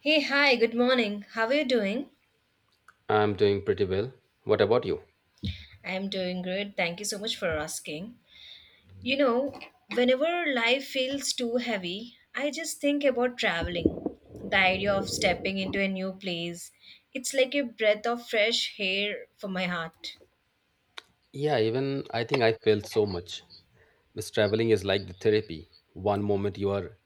Hey, hi, good morning. How are you doing? I'm doing pretty well. What about you? I'm doing good. Thank you so much for asking. You know, whenever life feels too heavy, I just think about traveling. The idea of stepping into a new place, it's like a breath of fresh air for my heart. Yeah, even I think I felt so much. Because traveling is like the therapy. One moment you are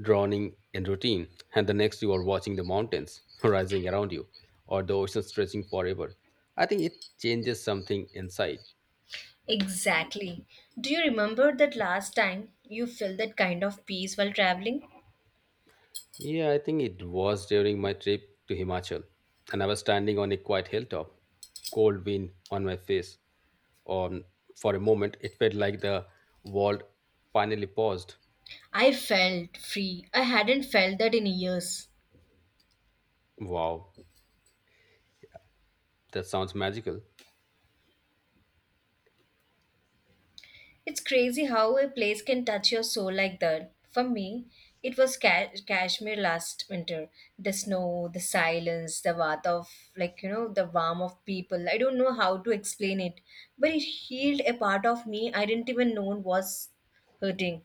drowning in routine, and the next you are watching the mountains rising around you or the ocean stretching forever. I think it changes something inside. Exactly. Do you remember that last time you felt that kind of peace while traveling? Yeah, I think it was during my trip to Himachal, and I was standing on a quiet hilltop, cold wind on my face. On for a moment, it felt like the world finally paused. I felt free. I hadn't felt that in years. Wow, that sounds magical. It's crazy how a place can touch your soul like that. For me, it was Kashmir last winter. The snow, the silence, the warmth of, like, you know, the warmth of people. I don't know how to explain it, but it healed a part of me I didn't even know was hurting.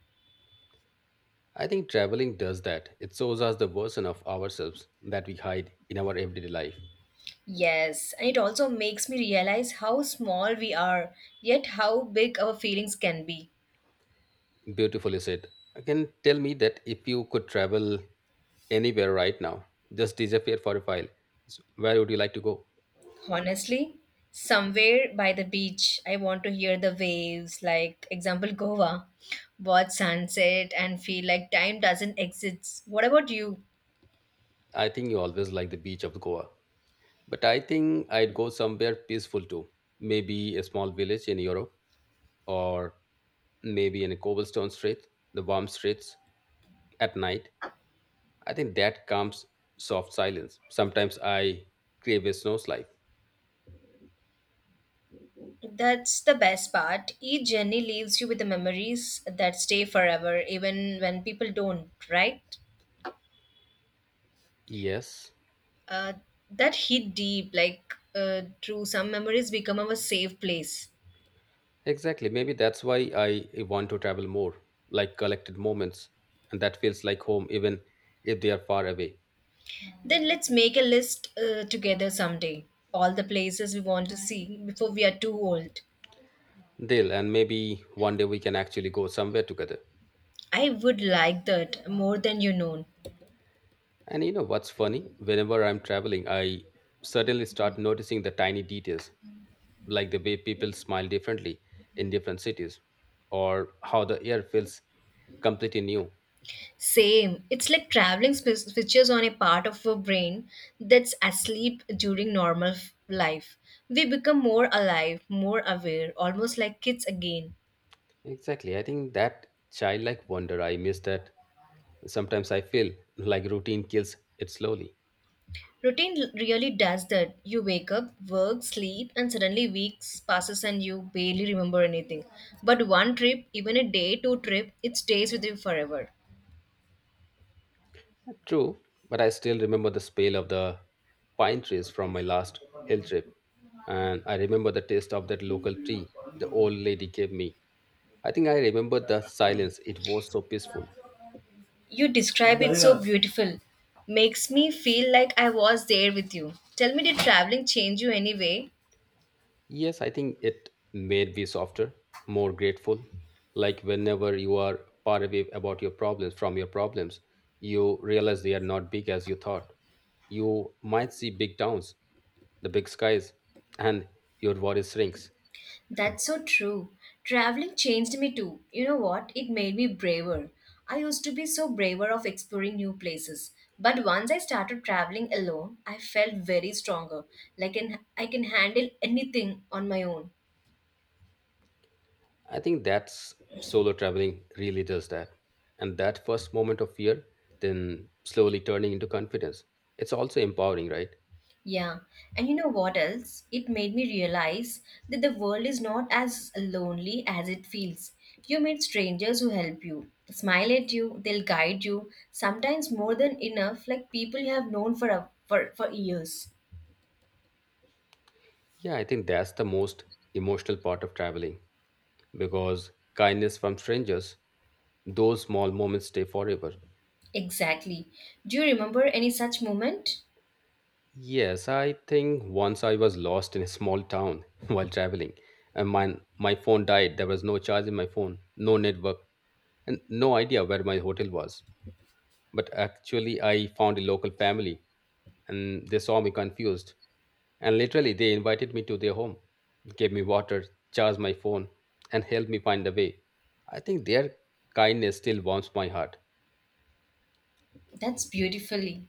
I think traveling does that. It shows us the version of ourselves that we hide in our everyday life. Yes, and it also makes me realize how small we are, yet how big our feelings can be. Beautifully said. I can tell me that if you could travel anywhere right now, just disappear for a while, where would you like to go? Honestly, somewhere by the beach, I want to hear the waves, like example Goa, watch sunset and feel like time doesn't exist. What about you? I think you always like the beach of Goa. But I think I'd go somewhere peaceful too. Maybe a small village in Europe or maybe in a cobblestone street, the warm streets at night. I think that comes soft silence. Sometimes I crave a snowslide. That's the best part. Each journey leaves you with the memories that stay forever, even when people don't, right? Yes, Uh, that hit deep, like true, some memories become our safe place. exactly. Maybe that's why I want to travel more, like collected moments, and that feels like home even if they are far away. Then let's make a list together someday. All the places we want to see before we are too old. Dale, and maybe one day we can actually go somewhere together. I would like that more than you know. And you know what's funny? Whenever I'm traveling, I suddenly start noticing the tiny details, like the way people smile differently in different cities, or how the air feels completely new. Same. It's like traveling switches on a part of our brain that's asleep during normal life. We become more alive, more aware, almost like kids again. Exactly. I think that childlike wonder, I miss that. Sometimes I feel like routine kills it slowly. Routine really does that. You wake up, work, sleep, and suddenly weeks passes and you barely remember anything. But one trip, even a day, two trip, it stays with you forever. True, but I still remember the smell of the pine trees from my last hill trip. And I remember the taste of that local tea the old lady gave me. I think I remember the silence. It was so peaceful. You describe it so, yeah, beautiful. Makes me feel like I was there with you. Tell me, did traveling change you anyway? Yes, I think it made me softer, more grateful. Like whenever you are far away about your problems from your problems, you realize they are not big as you thought. You might see big towns, the big skies, and your worry shrinks. That's so true. Traveling changed me too. You know what? It made me braver. I used to be so braver of exploring new places. But once I started traveling alone, I felt very stronger. Like an, I can handle anything on my own. I think that's solo traveling really does that. And that first moment of fear, then slowly turning into confidence. It's also empowering, right? Yeah. And you know what else? It made me realize that the world is not as lonely as it feels. You meet strangers who help you, smile at you, they'll guide you, sometimes more than enough, like people you have known for, a, for years. Yeah, I think that's the most emotional part of traveling because kindness from strangers, those small moments stay forever. Exactly. Do you remember any such moment? Yes, I think once I was lost in a small town while traveling, and my phone died. There was no charge in my phone, no network, and no idea where my hotel was. But actually, I found a local family, and they saw me confused. And literally, they invited me to their home, gave me water, charged my phone, and helped me find the way. I think their kindness still warms my heart. That's beautifully.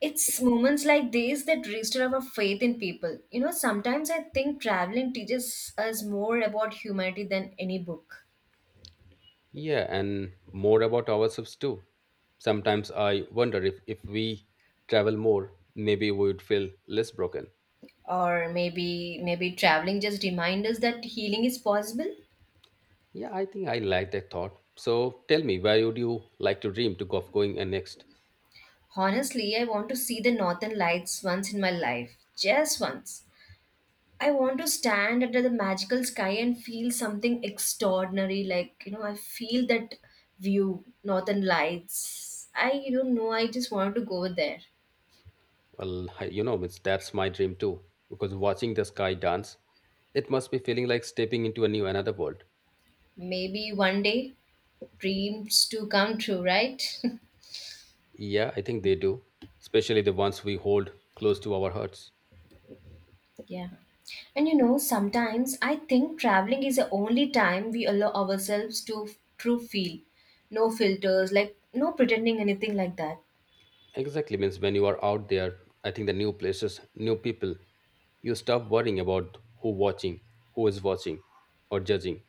It's moments like these that restore our faith in people. You know, sometimes I think traveling teaches us more about humanity than any book. Yeah, and more about ourselves too. Sometimes I wonder if we travel more, maybe we would feel less broken. Or maybe traveling just remind us that healing is possible. Yeah, I think I like that thought. So tell me, where would you like to dream to go of going next? Honestly, I want to see the northern lights once in my life, just once. I want to stand under the magical sky and feel something extraordinary, like, you know, I feel that view northern lights. I don't know, I just want to go there. Well, you know, that's my dream too. Because watching the sky dance, it must be feeling like stepping into a new another world. Maybe one day dreams to come true, right? Yeah, I think they do, especially the ones we hold close to our hearts. Yeah. And you know, sometimes I think traveling is the only time we allow ourselves to true feel. No filters, like no pretending anything like that. Exactly means when you are out there, I think the new places, new people, you stop worrying about who is watching, or judging.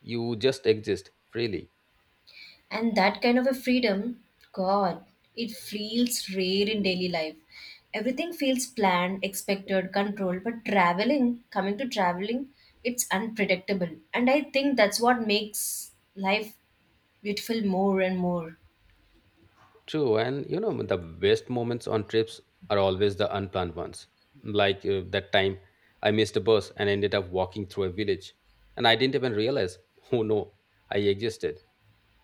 You just exist freely. And that kind of a freedom, God, it feels rare in daily life. Everything feels planned, expected, controlled, but traveling, coming to traveling, it's unpredictable. And I think that's what makes life beautiful more and more. True, and you know the best moments on trips are always the unplanned ones. Like that time I missed a bus and ended up walking through a village, and I didn't even realize, oh no, I existed.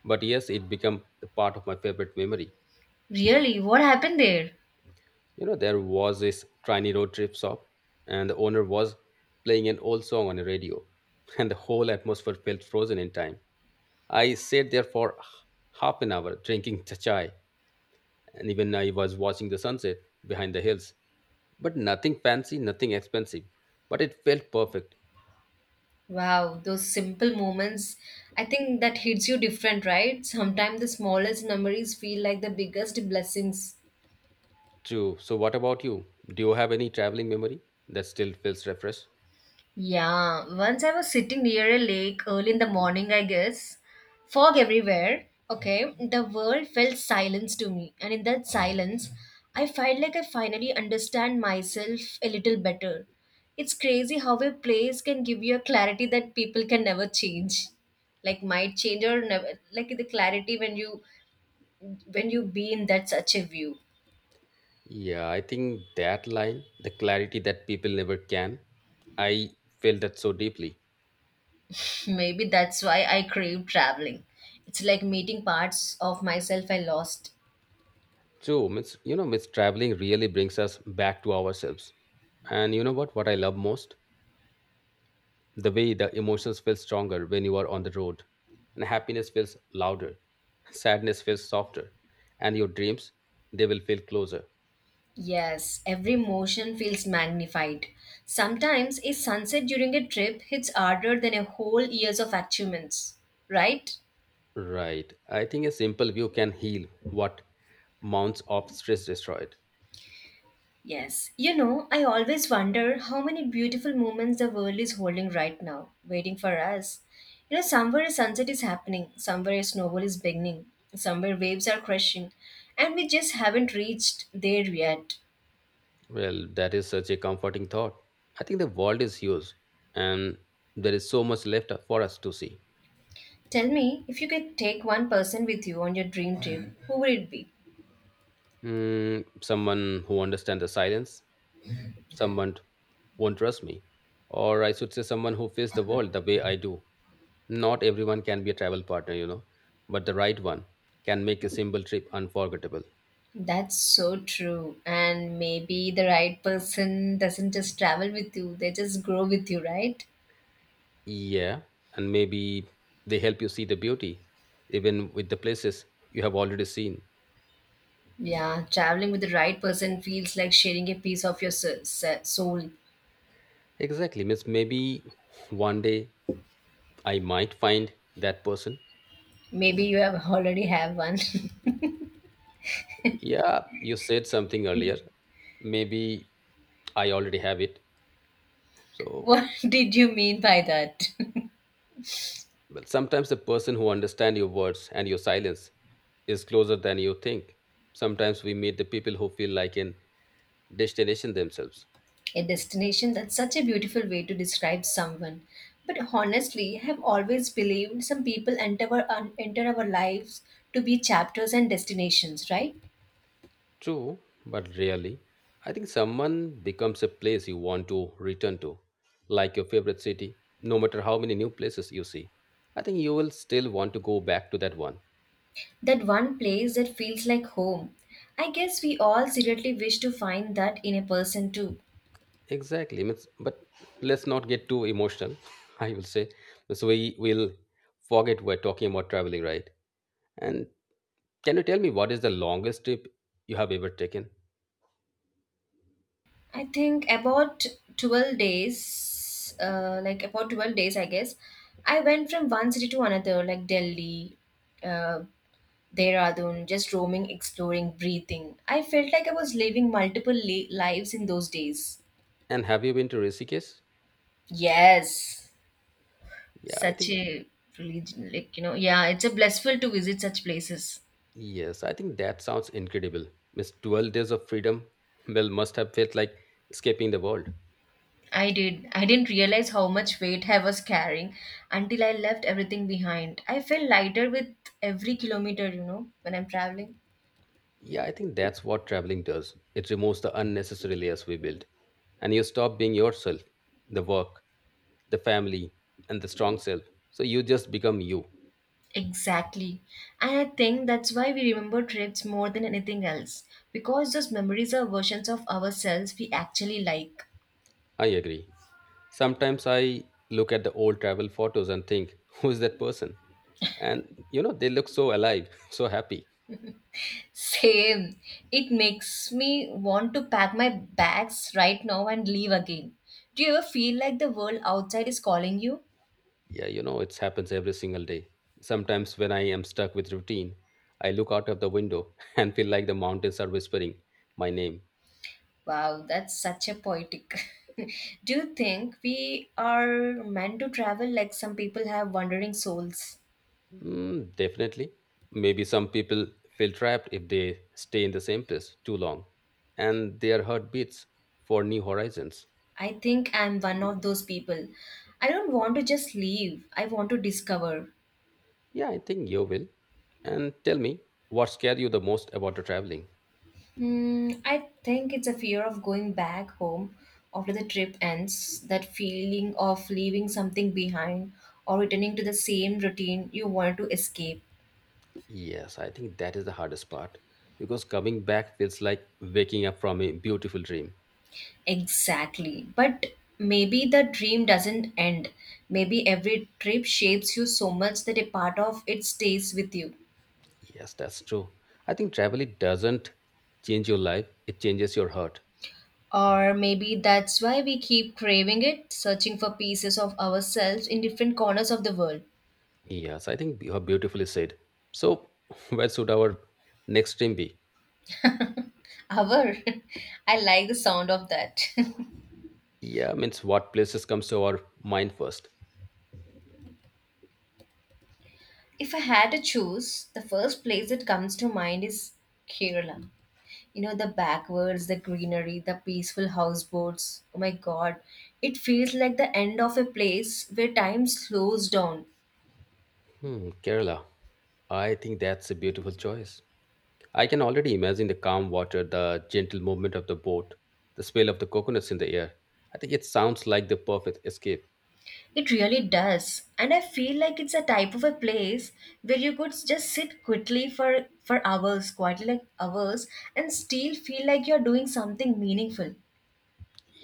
But yes, it became the part of my favorite memory. Really, what happened there? You know, there was this tiny road trip shop, and the owner was playing an old song on a radio, and the whole atmosphere felt frozen in time. I sat there for half an hour drinking chai, and even I was watching the sunset behind the hills. But nothing fancy, nothing expensive, but it felt perfect. Wow, those simple moments, I think that hits you different, right? Sometimes the smallest memories feel like the biggest blessings. True. So, what about you? Do you have any traveling memory that still feels refreshed? Yeah, once I was sitting near a lake early in the morning, I guess. Fog everywhere. Okay, the world felt silence to me, and in that silence, I felt like I finally understand myself a little better. It's crazy how a place can give you a clarity that people can never change. Like might change or never like the clarity when you be in that such a view. Yeah, I think that line, the clarity that people never can, I felt that so deeply. Maybe that's why I crave traveling. It's like meeting parts of myself I lost. True, you know, it's traveling really brings us back to ourselves. And you know what? What I love most? The way the emotions feel stronger when you are on the road. And happiness feels louder. Sadness feels softer. And your dreams, they will feel closer. Yes, every motion feels magnified. Sometimes a sunset during a trip hits harder than a whole years of achievements, right? Right. I think a simple view can heal what mounts of stress destroyed. Yes. You know, I always wonder how many beautiful moments the world is holding right now, waiting for us. You know, somewhere a sunset is happening, somewhere a snowball is beginning, somewhere waves are crashing, and we just haven't reached there yet. Well, that is such a comforting thought. I think the world is huge and there is so much left for us to see. Tell me, if you could take one person with you on your dream trip, who would it be? Hmm, someone who understands the silence, someone won't trust me, or I should say someone who faces the world the way I do. Not everyone can be a travel partner, you know, but the right one can make a simple trip unforgettable. That's so true. And maybe the right person doesn't just travel with you, they just grow with you, right? Yeah, and maybe they help you see the beauty even with the places you have already seen. Yeah, traveling with the right person feels like sharing a piece of your soul. Exactly miss, maybe one day I might find that person. Maybe you have already have one. Yeah, you said something earlier. Maybe I already have it, so. What did you mean by that? Well, sometimes the person who understands your words and your silence is closer than you think. Sometimes we meet the people who feel like an destination themselves. A destination, that's such a beautiful way to describe someone. But honestly, I have always believed some people enter our, enter our lives to be chapters and destinations, right? True, but rarely. I think someone becomes a place you want to return to, like your favorite city, no matter how many new places you see. I think you will still want to go back to that one. That one place that feels like home. I guess we all secretly wish to find that in a person too. Exactly. means- But let's not get too emotional, I will say. So we will forget we're talking about traveling, right? And can you tell me what is the longest trip you have ever taken? I think about 12 days, like about 12 days, I guess. I went from one city to another, like Delhi, uh, Dehradun, just roaming, exploring, breathing. I felt like I was living multiple lives in those days. And have you been to Rishikesh? Yes, Yeah, I such think a religion, like, you know, yeah, it's a blissful to visit such places. yes, I think that sounds incredible. Miss 12 days of freedom well must have felt like escaping the world. I did. I didn't realize how much weight I was carrying until I left everything behind. I feel lighter with every kilometer, you know, when I'm traveling. Yeah, I think that's what traveling does. It removes the unnecessary layers we build. And you stop being yourself, the work, the family, and the strong self. So you just become you. Exactly. And I think that's why we remember trips more than anything else because those memories are versions of ourselves we actually like. I agree. Sometimes I look at the old travel photos and think, who is that person? And you know, they look so alive, so happy. Same. It makes me want to pack my bags right now and leave again. Do you ever feel like the world outside is calling you? Yeah, you know, it happens every single day. Sometimes when I am stuck with routine, I look out of the window and feel like the mountains are whispering my name. Wow, that's such a poetic. Do you think we are meant to travel like some people have wandering souls? Mm, definitely. Maybe some people feel trapped if they stay in the same place too long and their heart beats for new horizons. I think I'm one of those people. I don't want to just leave, I want to discover. Yeah, I think you will. And tell me, what scared you the most about the traveling? Hmm, I think it's a fear of going back home after the trip ends, that feeling of leaving something behind or returning to the same routine you want to escape. Yes, I think that is the hardest part because coming back feels like waking up from a beautiful dream. Exactly. But maybe the dream doesn't end. Maybe every trip shapes you so much that a part of it stays with you. Yes, that's true. I think travel it doesn't change your life, it changes your heart. Or maybe that's why we keep craving it, searching for pieces of ourselves in different corners of the world. Yes, I think you have beautifully said. So, where should our next dream be? Our, I like the sound of that. Yeah, means what places comes to our mind first? If I had to choose, the first place that comes to mind is Kerala. You know, the backwards, the greenery, the peaceful houseboats, oh my god, it feels like the end of a place where time slows down. Hmm, Kerala. I think that's a beautiful choice. I can already imagine the calm water, the gentle movement of the boat, the smell of the coconuts in the air. I think it sounds like the perfect escape. It really does, and I feel like it's a type of a place where you could just sit quickly for hours, quite like hours, and still feel like you're doing something meaningful.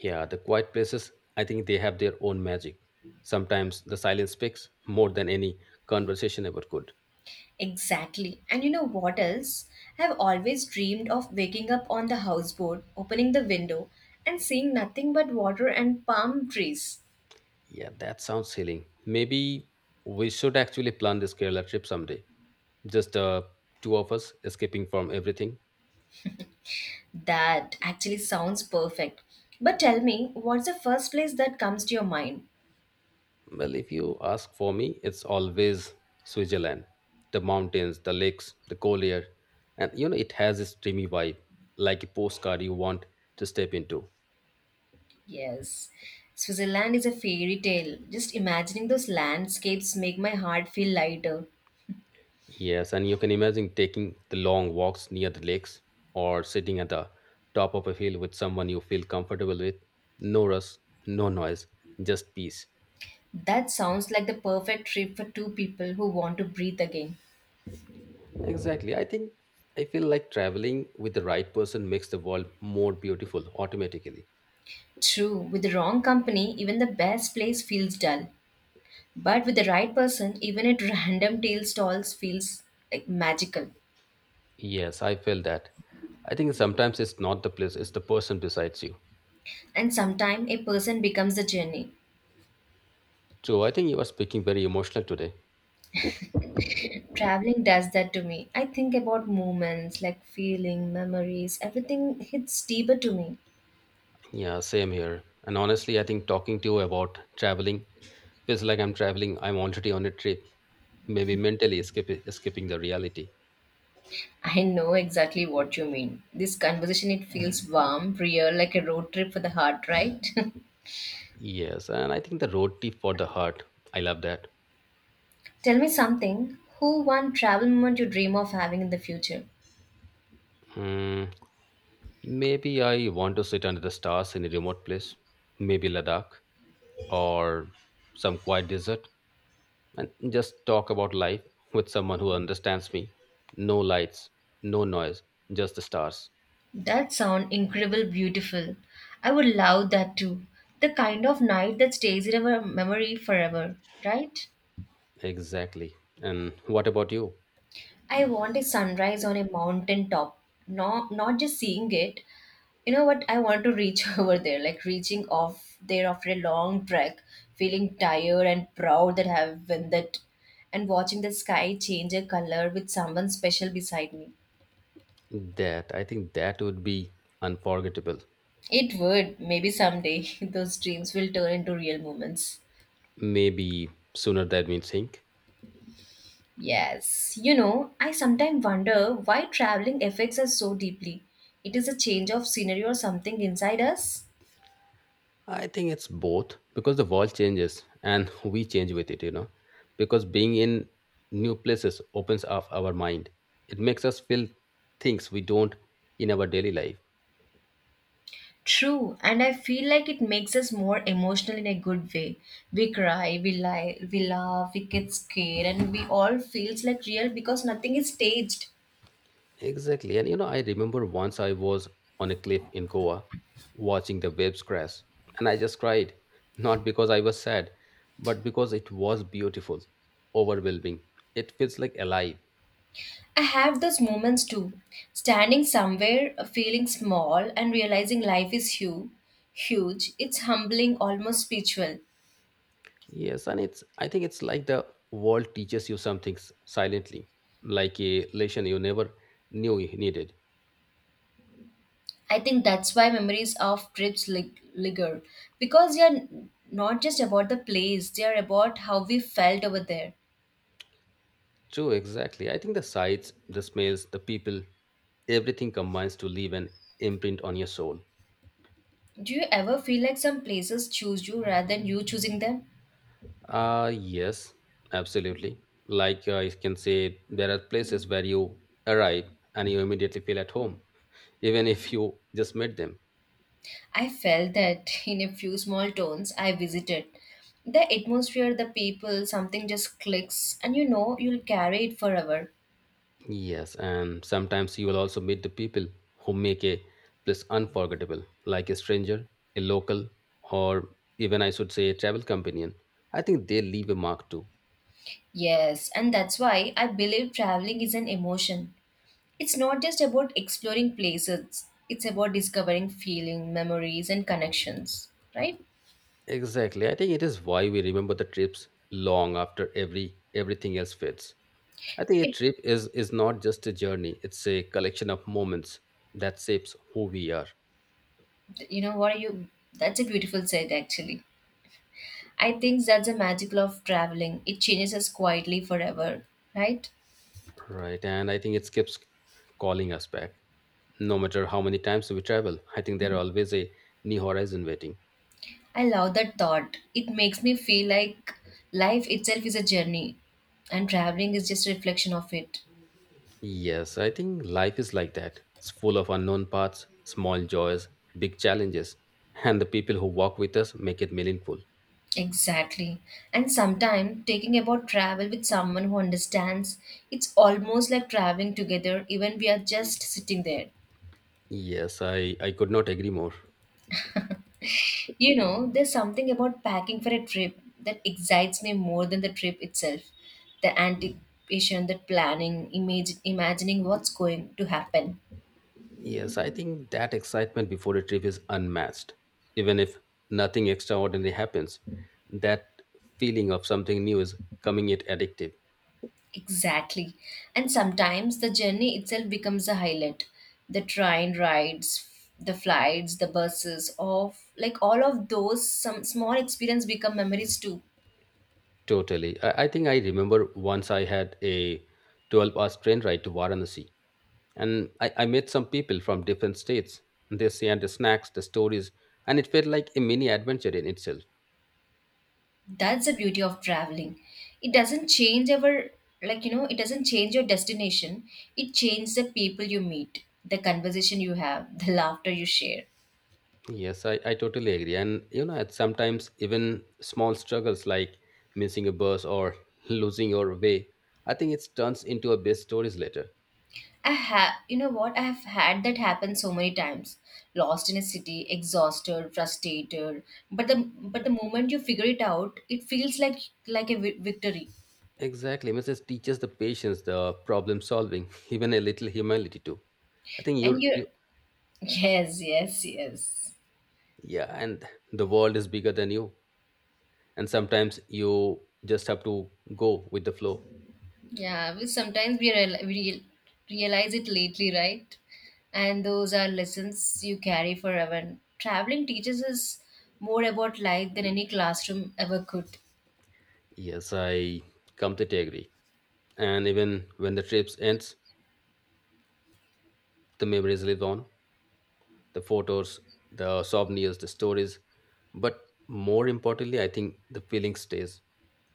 Yeah, the quiet places, I think they have their own magic. Sometimes the silence speaks more than any conversation ever could. Exactly. And you know what else? I have always dreamed of waking up on the houseboat, opening the window, and seeing nothing but water and palm trees. Yeah, that sounds healing. Maybe we should actually plan this Kerala trip someday. Just the two of us escaping from everything. That actually sounds perfect. But tell me, what's the first place that comes to your mind? Well, if you ask for me, it's always Switzerland. The mountains, the lakes, the cold air. And you know, it has this dreamy vibe, like a postcard you want to step into. Yes, Switzerland is a fairy tale. Just imagining those landscapes make my heart feel lighter. Yes, and you can imagine taking the long walks near the lakes or sitting at the top of a hill with someone you feel comfortable with. No rush, no noise, just peace. That sounds like the perfect trip for two people who want to breathe again. Exactly. I think I feel like traveling with the right person makes the world more beautiful automatically. True, with the wrong company, even the best place feels dull. But with the right person, even at random tail stalls feels like magical. Yes, I feel that. I think sometimes it's not the place, it's the person besides you. And sometimes a person becomes the journey. So I think you are speaking very emotional today. Traveling does that to me. I think about moments like feeling, memories, everything hits deeper to me. Yeah, same here. And honestly, I think talking to you about traveling feels like I'm traveling. I'm already on a trip, maybe mentally escaping the reality. I know exactly what you mean. This conversation it feels warm, real, like a road trip for the heart, right? Yes, and I think the road trip for the heart. I love that. Tell me something. Who one travel moment you dream of having in the future? Hmm, maybe I want to sit under the stars in a remote place, maybe Ladakh or some quiet desert. And just talk about life with someone who understands me. No lights, no noise, just the stars. That sound incredible beautiful. I would love that too. The kind of night that stays in our memory forever, right? Exactly. And what about you? I want a sunrise on a mountain top. Not just seeing it. You know what? I want to reach over there, like reaching off there after a long trek, feeling tired and proud that I have won that, and watching the sky change a color with someone special beside me. That, I think that would be unforgettable. It would, maybe someday those dreams will turn into real moments. Maybe sooner than we think. Yes, you know, I sometimes wonder why traveling affects us so deeply. It is a change of scenery or something inside us. I think it's both because the world changes and we change with it, you know. Because being in new places opens up our mind. It makes us feel things we don't in our daily life. True, and I feel like it makes us more emotional in a good way. We cry, we lie, we laugh, we get scared, and we all feels like real because nothing is staged. Exactly. And you know, I remember once I was on a cliff in Goa watching the waves crash, and I just cried, not because I was sad, but because it was beautiful, overwhelming. It feels like alive. I have those moments too. Standing somewhere, feeling small, and realizing life is huge. Huge. It's humbling, almost spiritual. Yes, and it's I think it's like the world teaches you something silently, like a lesson you never knew you needed. I think that's why memories of trips linger because they are not just about the place; they are about how we felt over there. True, exactly. I think the sights, the smells, the people, everything combines to leave an imprint on your soul. Do you ever feel like some places choose you rather than you choosing them? Yes, absolutely. Like you can say, there are places where you arrive and you immediately feel at home, even if you just met them. I felt that in a few small towns I visited. The atmosphere, the people, something just clicks, and you know you'll carry it forever. Yes, and sometimes you will also meet the people who make a place unforgettable, like a stranger, a local, or even I should say a travel companion. I think they leave a mark too. Yes, and that's why I believe traveling is an emotion. It's not just about exploring places, it's about discovering feeling, memories, and connections, right? Exactly. I think it is why we remember the trips long after everything else fades. I think a It, trip is not just a journey; it's a collection of moments that shapes who we are, you know what are you? That's a beautiful said, actually. I think that's the magic of traveling. It changes us quietly forever, right? right? And I think it keeps calling us back. No matter how many times we travel, I think there are always a new horizon waiting. I love that thought. It makes me feel like life itself is a journey and traveling is just a reflection of it. Yes, I think life is like that. It's full of unknown paths, small joys, big challenges, and the people who walk with us make it meaningful. Exactly. And sometimes taking about travel with someone who understands, it's almost like traveling together, even we are just sitting there. Yes, I could not agree more. You know, there's something about packing for a trip that excites me more than the trip itself. The anticipation, the planning, imagining what's going to happen. Yes, I think that excitement before a trip is unmatched. Even if nothing extraordinary happens, that feeling of something new is coming it addictive. Exactly. And sometimes the journey itself becomes a highlight. The train rides, the flights, the buses, of like all of those some small experience become memories too. Totally. I think I remember once I had a 12-hour hour train ride to Varanasi and I met some people from different states. And they shared the snacks, the stories, and it felt like a mini adventure in itself. That's the beauty of traveling. It doesn't change our, like, you know, it doesn't change your destination. It changes the people you meet, the conversation you have, the laughter you share. Yes, I totally agree. And you know, at sometimes even small struggles like missing a bus or losing your way, I think it turns into a best stories later. I have, you know what, I have had that happen so many times. Lost in a city, exhausted, frustrated, but the but the moment you figure it out, it feels like a victory. Exactly. Mrs. teaches the patience, the problem solving, even a little humility too. I think And you're you, you yes, yes, yes. yeah, and the world is bigger than you. And sometimes you just have to go with the flow. Yeah, we sometimes we real, realize it lately, right? And those are lessons you carry forever. And traveling teaches us more about life than any classroom ever could. Yes, I completely agree. And even when the trips ends, the memories live on. The photos, the souvenirs, the stories. But more importantly, I think the feeling stays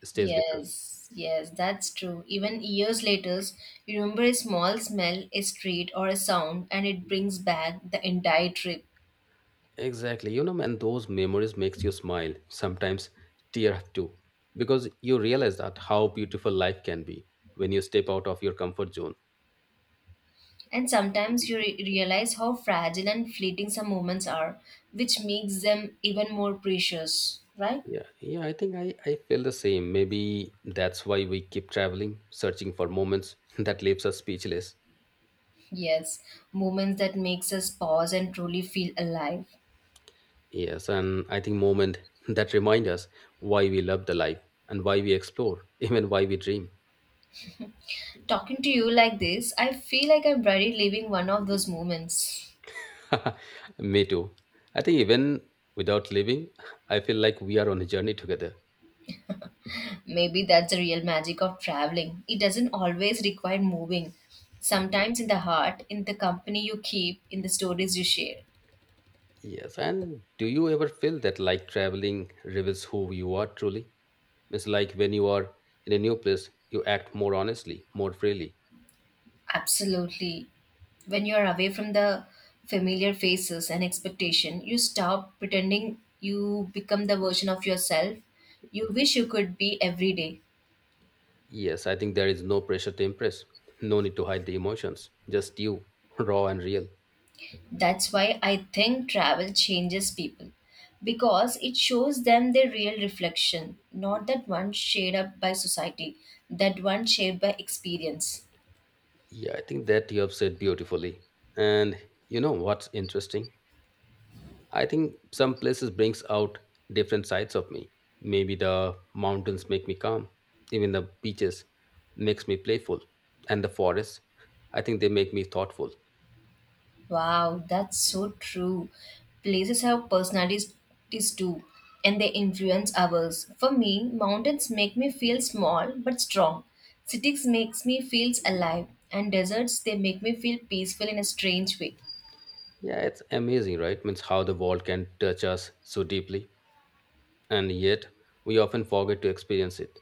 stays with us. Yes, yes, that's true. Even years later, you remember a small smell, a street, or a sound, and it brings back the entire trip. Exactly. You know, man, those memories makes you smile, sometimes tear up too, because you realize that how beautiful life can be when you step out of your comfort zone. And sometimes you realize how fragile and fleeting some moments are, which makes them even more precious, right? Yeah, I think I feel the same. Maybe that's why we keep traveling, searching for moments that leaves us speechless. Yes, moments that makes us pause and truly feel alive. Yes, and I think moment that remind us why we love the life and why we explore, even why we dream. Talking to you like this, I feel like I'm already living one of those moments. Me too. I think even without living, I feel like we are on a journey together. Maybe that's the real magic of traveling. It doesn't always require moving. Sometimes in the heart, in the company you keep, in the stories you share. Yes, and do you ever feel that like traveling reveals who you are truly? It's like when you are in a new place, you act more honestly, more freely. Absolutely. When you are away from the familiar faces and expectation, you stop pretending you become the version of yourself you wish you could be every day. Yes, I think there is no pressure to impress, no need to hide the emotions, just you, raw and real. That's why I think travel changes people because it shows them their real reflection, not that one shaped up by society, that one shaped by experience. Yeah, I think that you have said beautifully. And you know what's interesting? I think some places brings out different sides of me. Maybe the mountains make me calm, even the beaches makes me playful, and the forests, I think they make me thoughtful. Wow, that's so true. Places have personalities too, and they influence others. For me, mountains make me feel small but strong. Cities makes me feel alive, and deserts they make me feel peaceful in a strange way. Yeah, it's amazing, right? Means how the world can touch us so deeply, and yet we often forget to experience it.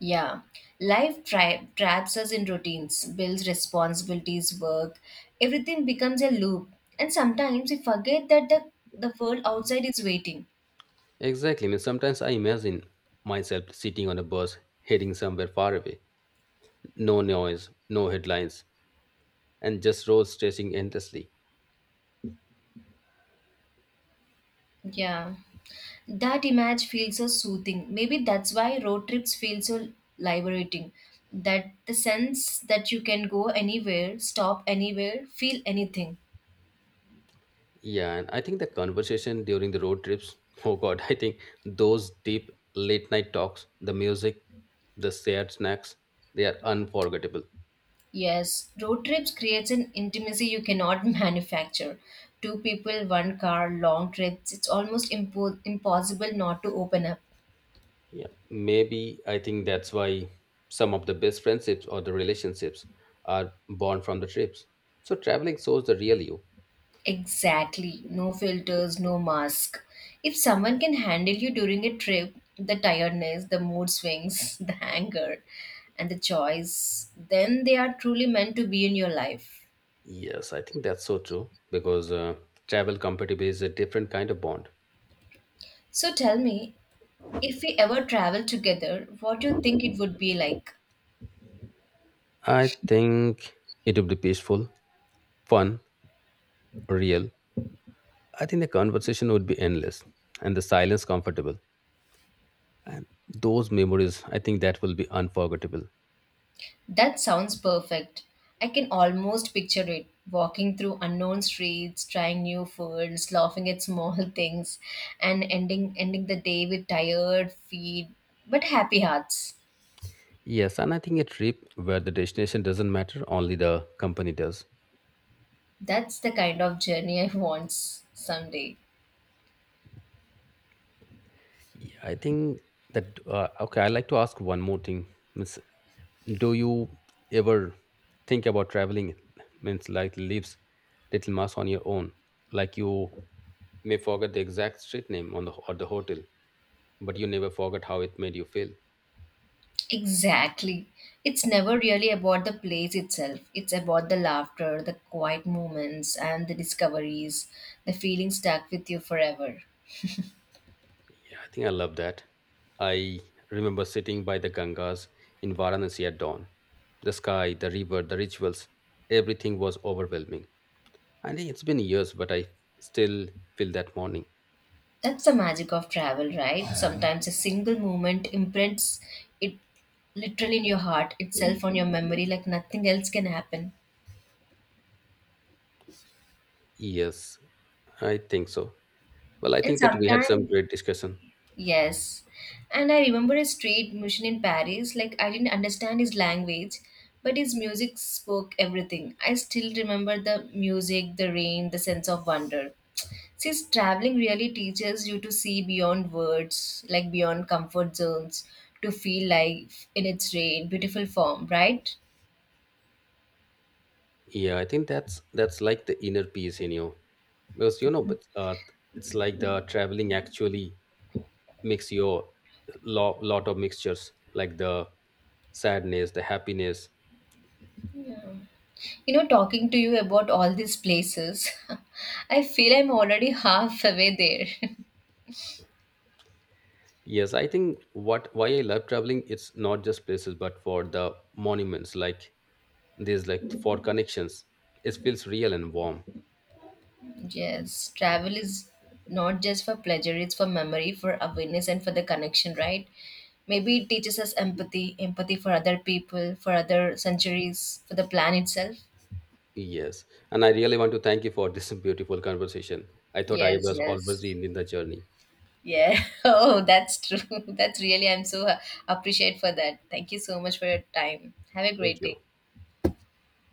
Yeah, life traps us in routines, bills, responsibilities, work. Everything becomes a loop, and sometimes we forget that the world outside is waiting. Exactly. I mean, sometimes I imagine myself sitting on a bus heading somewhere far away. No noise, no headlines, and just roads stretching endlessly. Yeah, that image feels so soothing. Maybe that's why road trips feel so liberating. That the sense that you can go anywhere, stop anywhere, feel anything. Yeah, and I think the conversation during the road trips, oh God, I think those deep late night talks, the music, the shared snacks, they are unforgettable. Yes, road trips creates an intimacy you cannot manufacture. Two people, one car, long trips, it's almost impossible not to open up. Yeah, maybe I think that's why some of the best friendships or the relationships are born from the trips. So traveling shows the real you. Exactly. No filters, no mask. If someone can handle you during a trip, the tiredness, the mood swings, the anger, and the choice, then they are truly meant to be in your life. Yes, I think that's so true because travel compatibility is a different kind of bond. So tell me, if we ever travel together, what do you think it would be like? I think it would be peaceful, fun, real, I think the conversation would be endless and the silence comfortable. And those memories, I think that will be unforgettable. That sounds perfect. I can almost picture it walking through unknown streets, trying new foods, laughing at small things, and ending the day with tired feet but happy hearts. Yes, and I think a trip where the destination doesn't matter, only the company does. That's the kind of journey I want someday. Yeah, I think that, okay, I'd like to ask one more thing. Means, do you ever think about traveling? Means, like, leaves Little Mass on your own. Like, you may forget the exact street name on the, or the hotel, but you never forget how it made you feel. Exactly. It's never really about the place itself. It's about the laughter, the quiet moments, and the discoveries, the feeling stuck with you forever. Yeah, I think I love that. I remember sitting by the Gangas in Varanasi at dawn. The sky, the river, the rituals, everything was overwhelming. I think it's been years, but I still feel that morning. That's the magic of travel, right? Sometimes a single moment imprints it literally in your heart itself on your memory like nothing else can happen. Yes, I think so. Well, I And think that we had some sometimes great discussion. Yes. And I remember a street musician in Paris, like I didn't understand his language, but his music spoke everything. I still remember the music, the rain, the sense of wonder. Since traveling really teaches you to see beyond words, like beyond comfort zones, to feel life in its rain, beautiful form, right? Yeah, I think that's like the inner peace in you, because you know, but it's like the traveling actually makes your lot of mixtures, like the sadness, the happiness. You know, talking to you about all these places, I feel I'm already half away there. Yes, I think what why I love traveling, it's not just places, but for the monuments, like these, like for connections. It feels real and warm. Yes, travel is not just for pleasure, it's for memory, for awareness, and for the connection, right? Maybe it teaches us empathy, empathy for other people, for other centuries, for the planet itself. Yes. And I really want to thank you for this beautiful conversation. I thought I Yes, was yes. always in the journey. Yeah. Oh, that's true. That's really, I'm so appreciate for that. Thank you so much for your time. Have a Thank great day. you.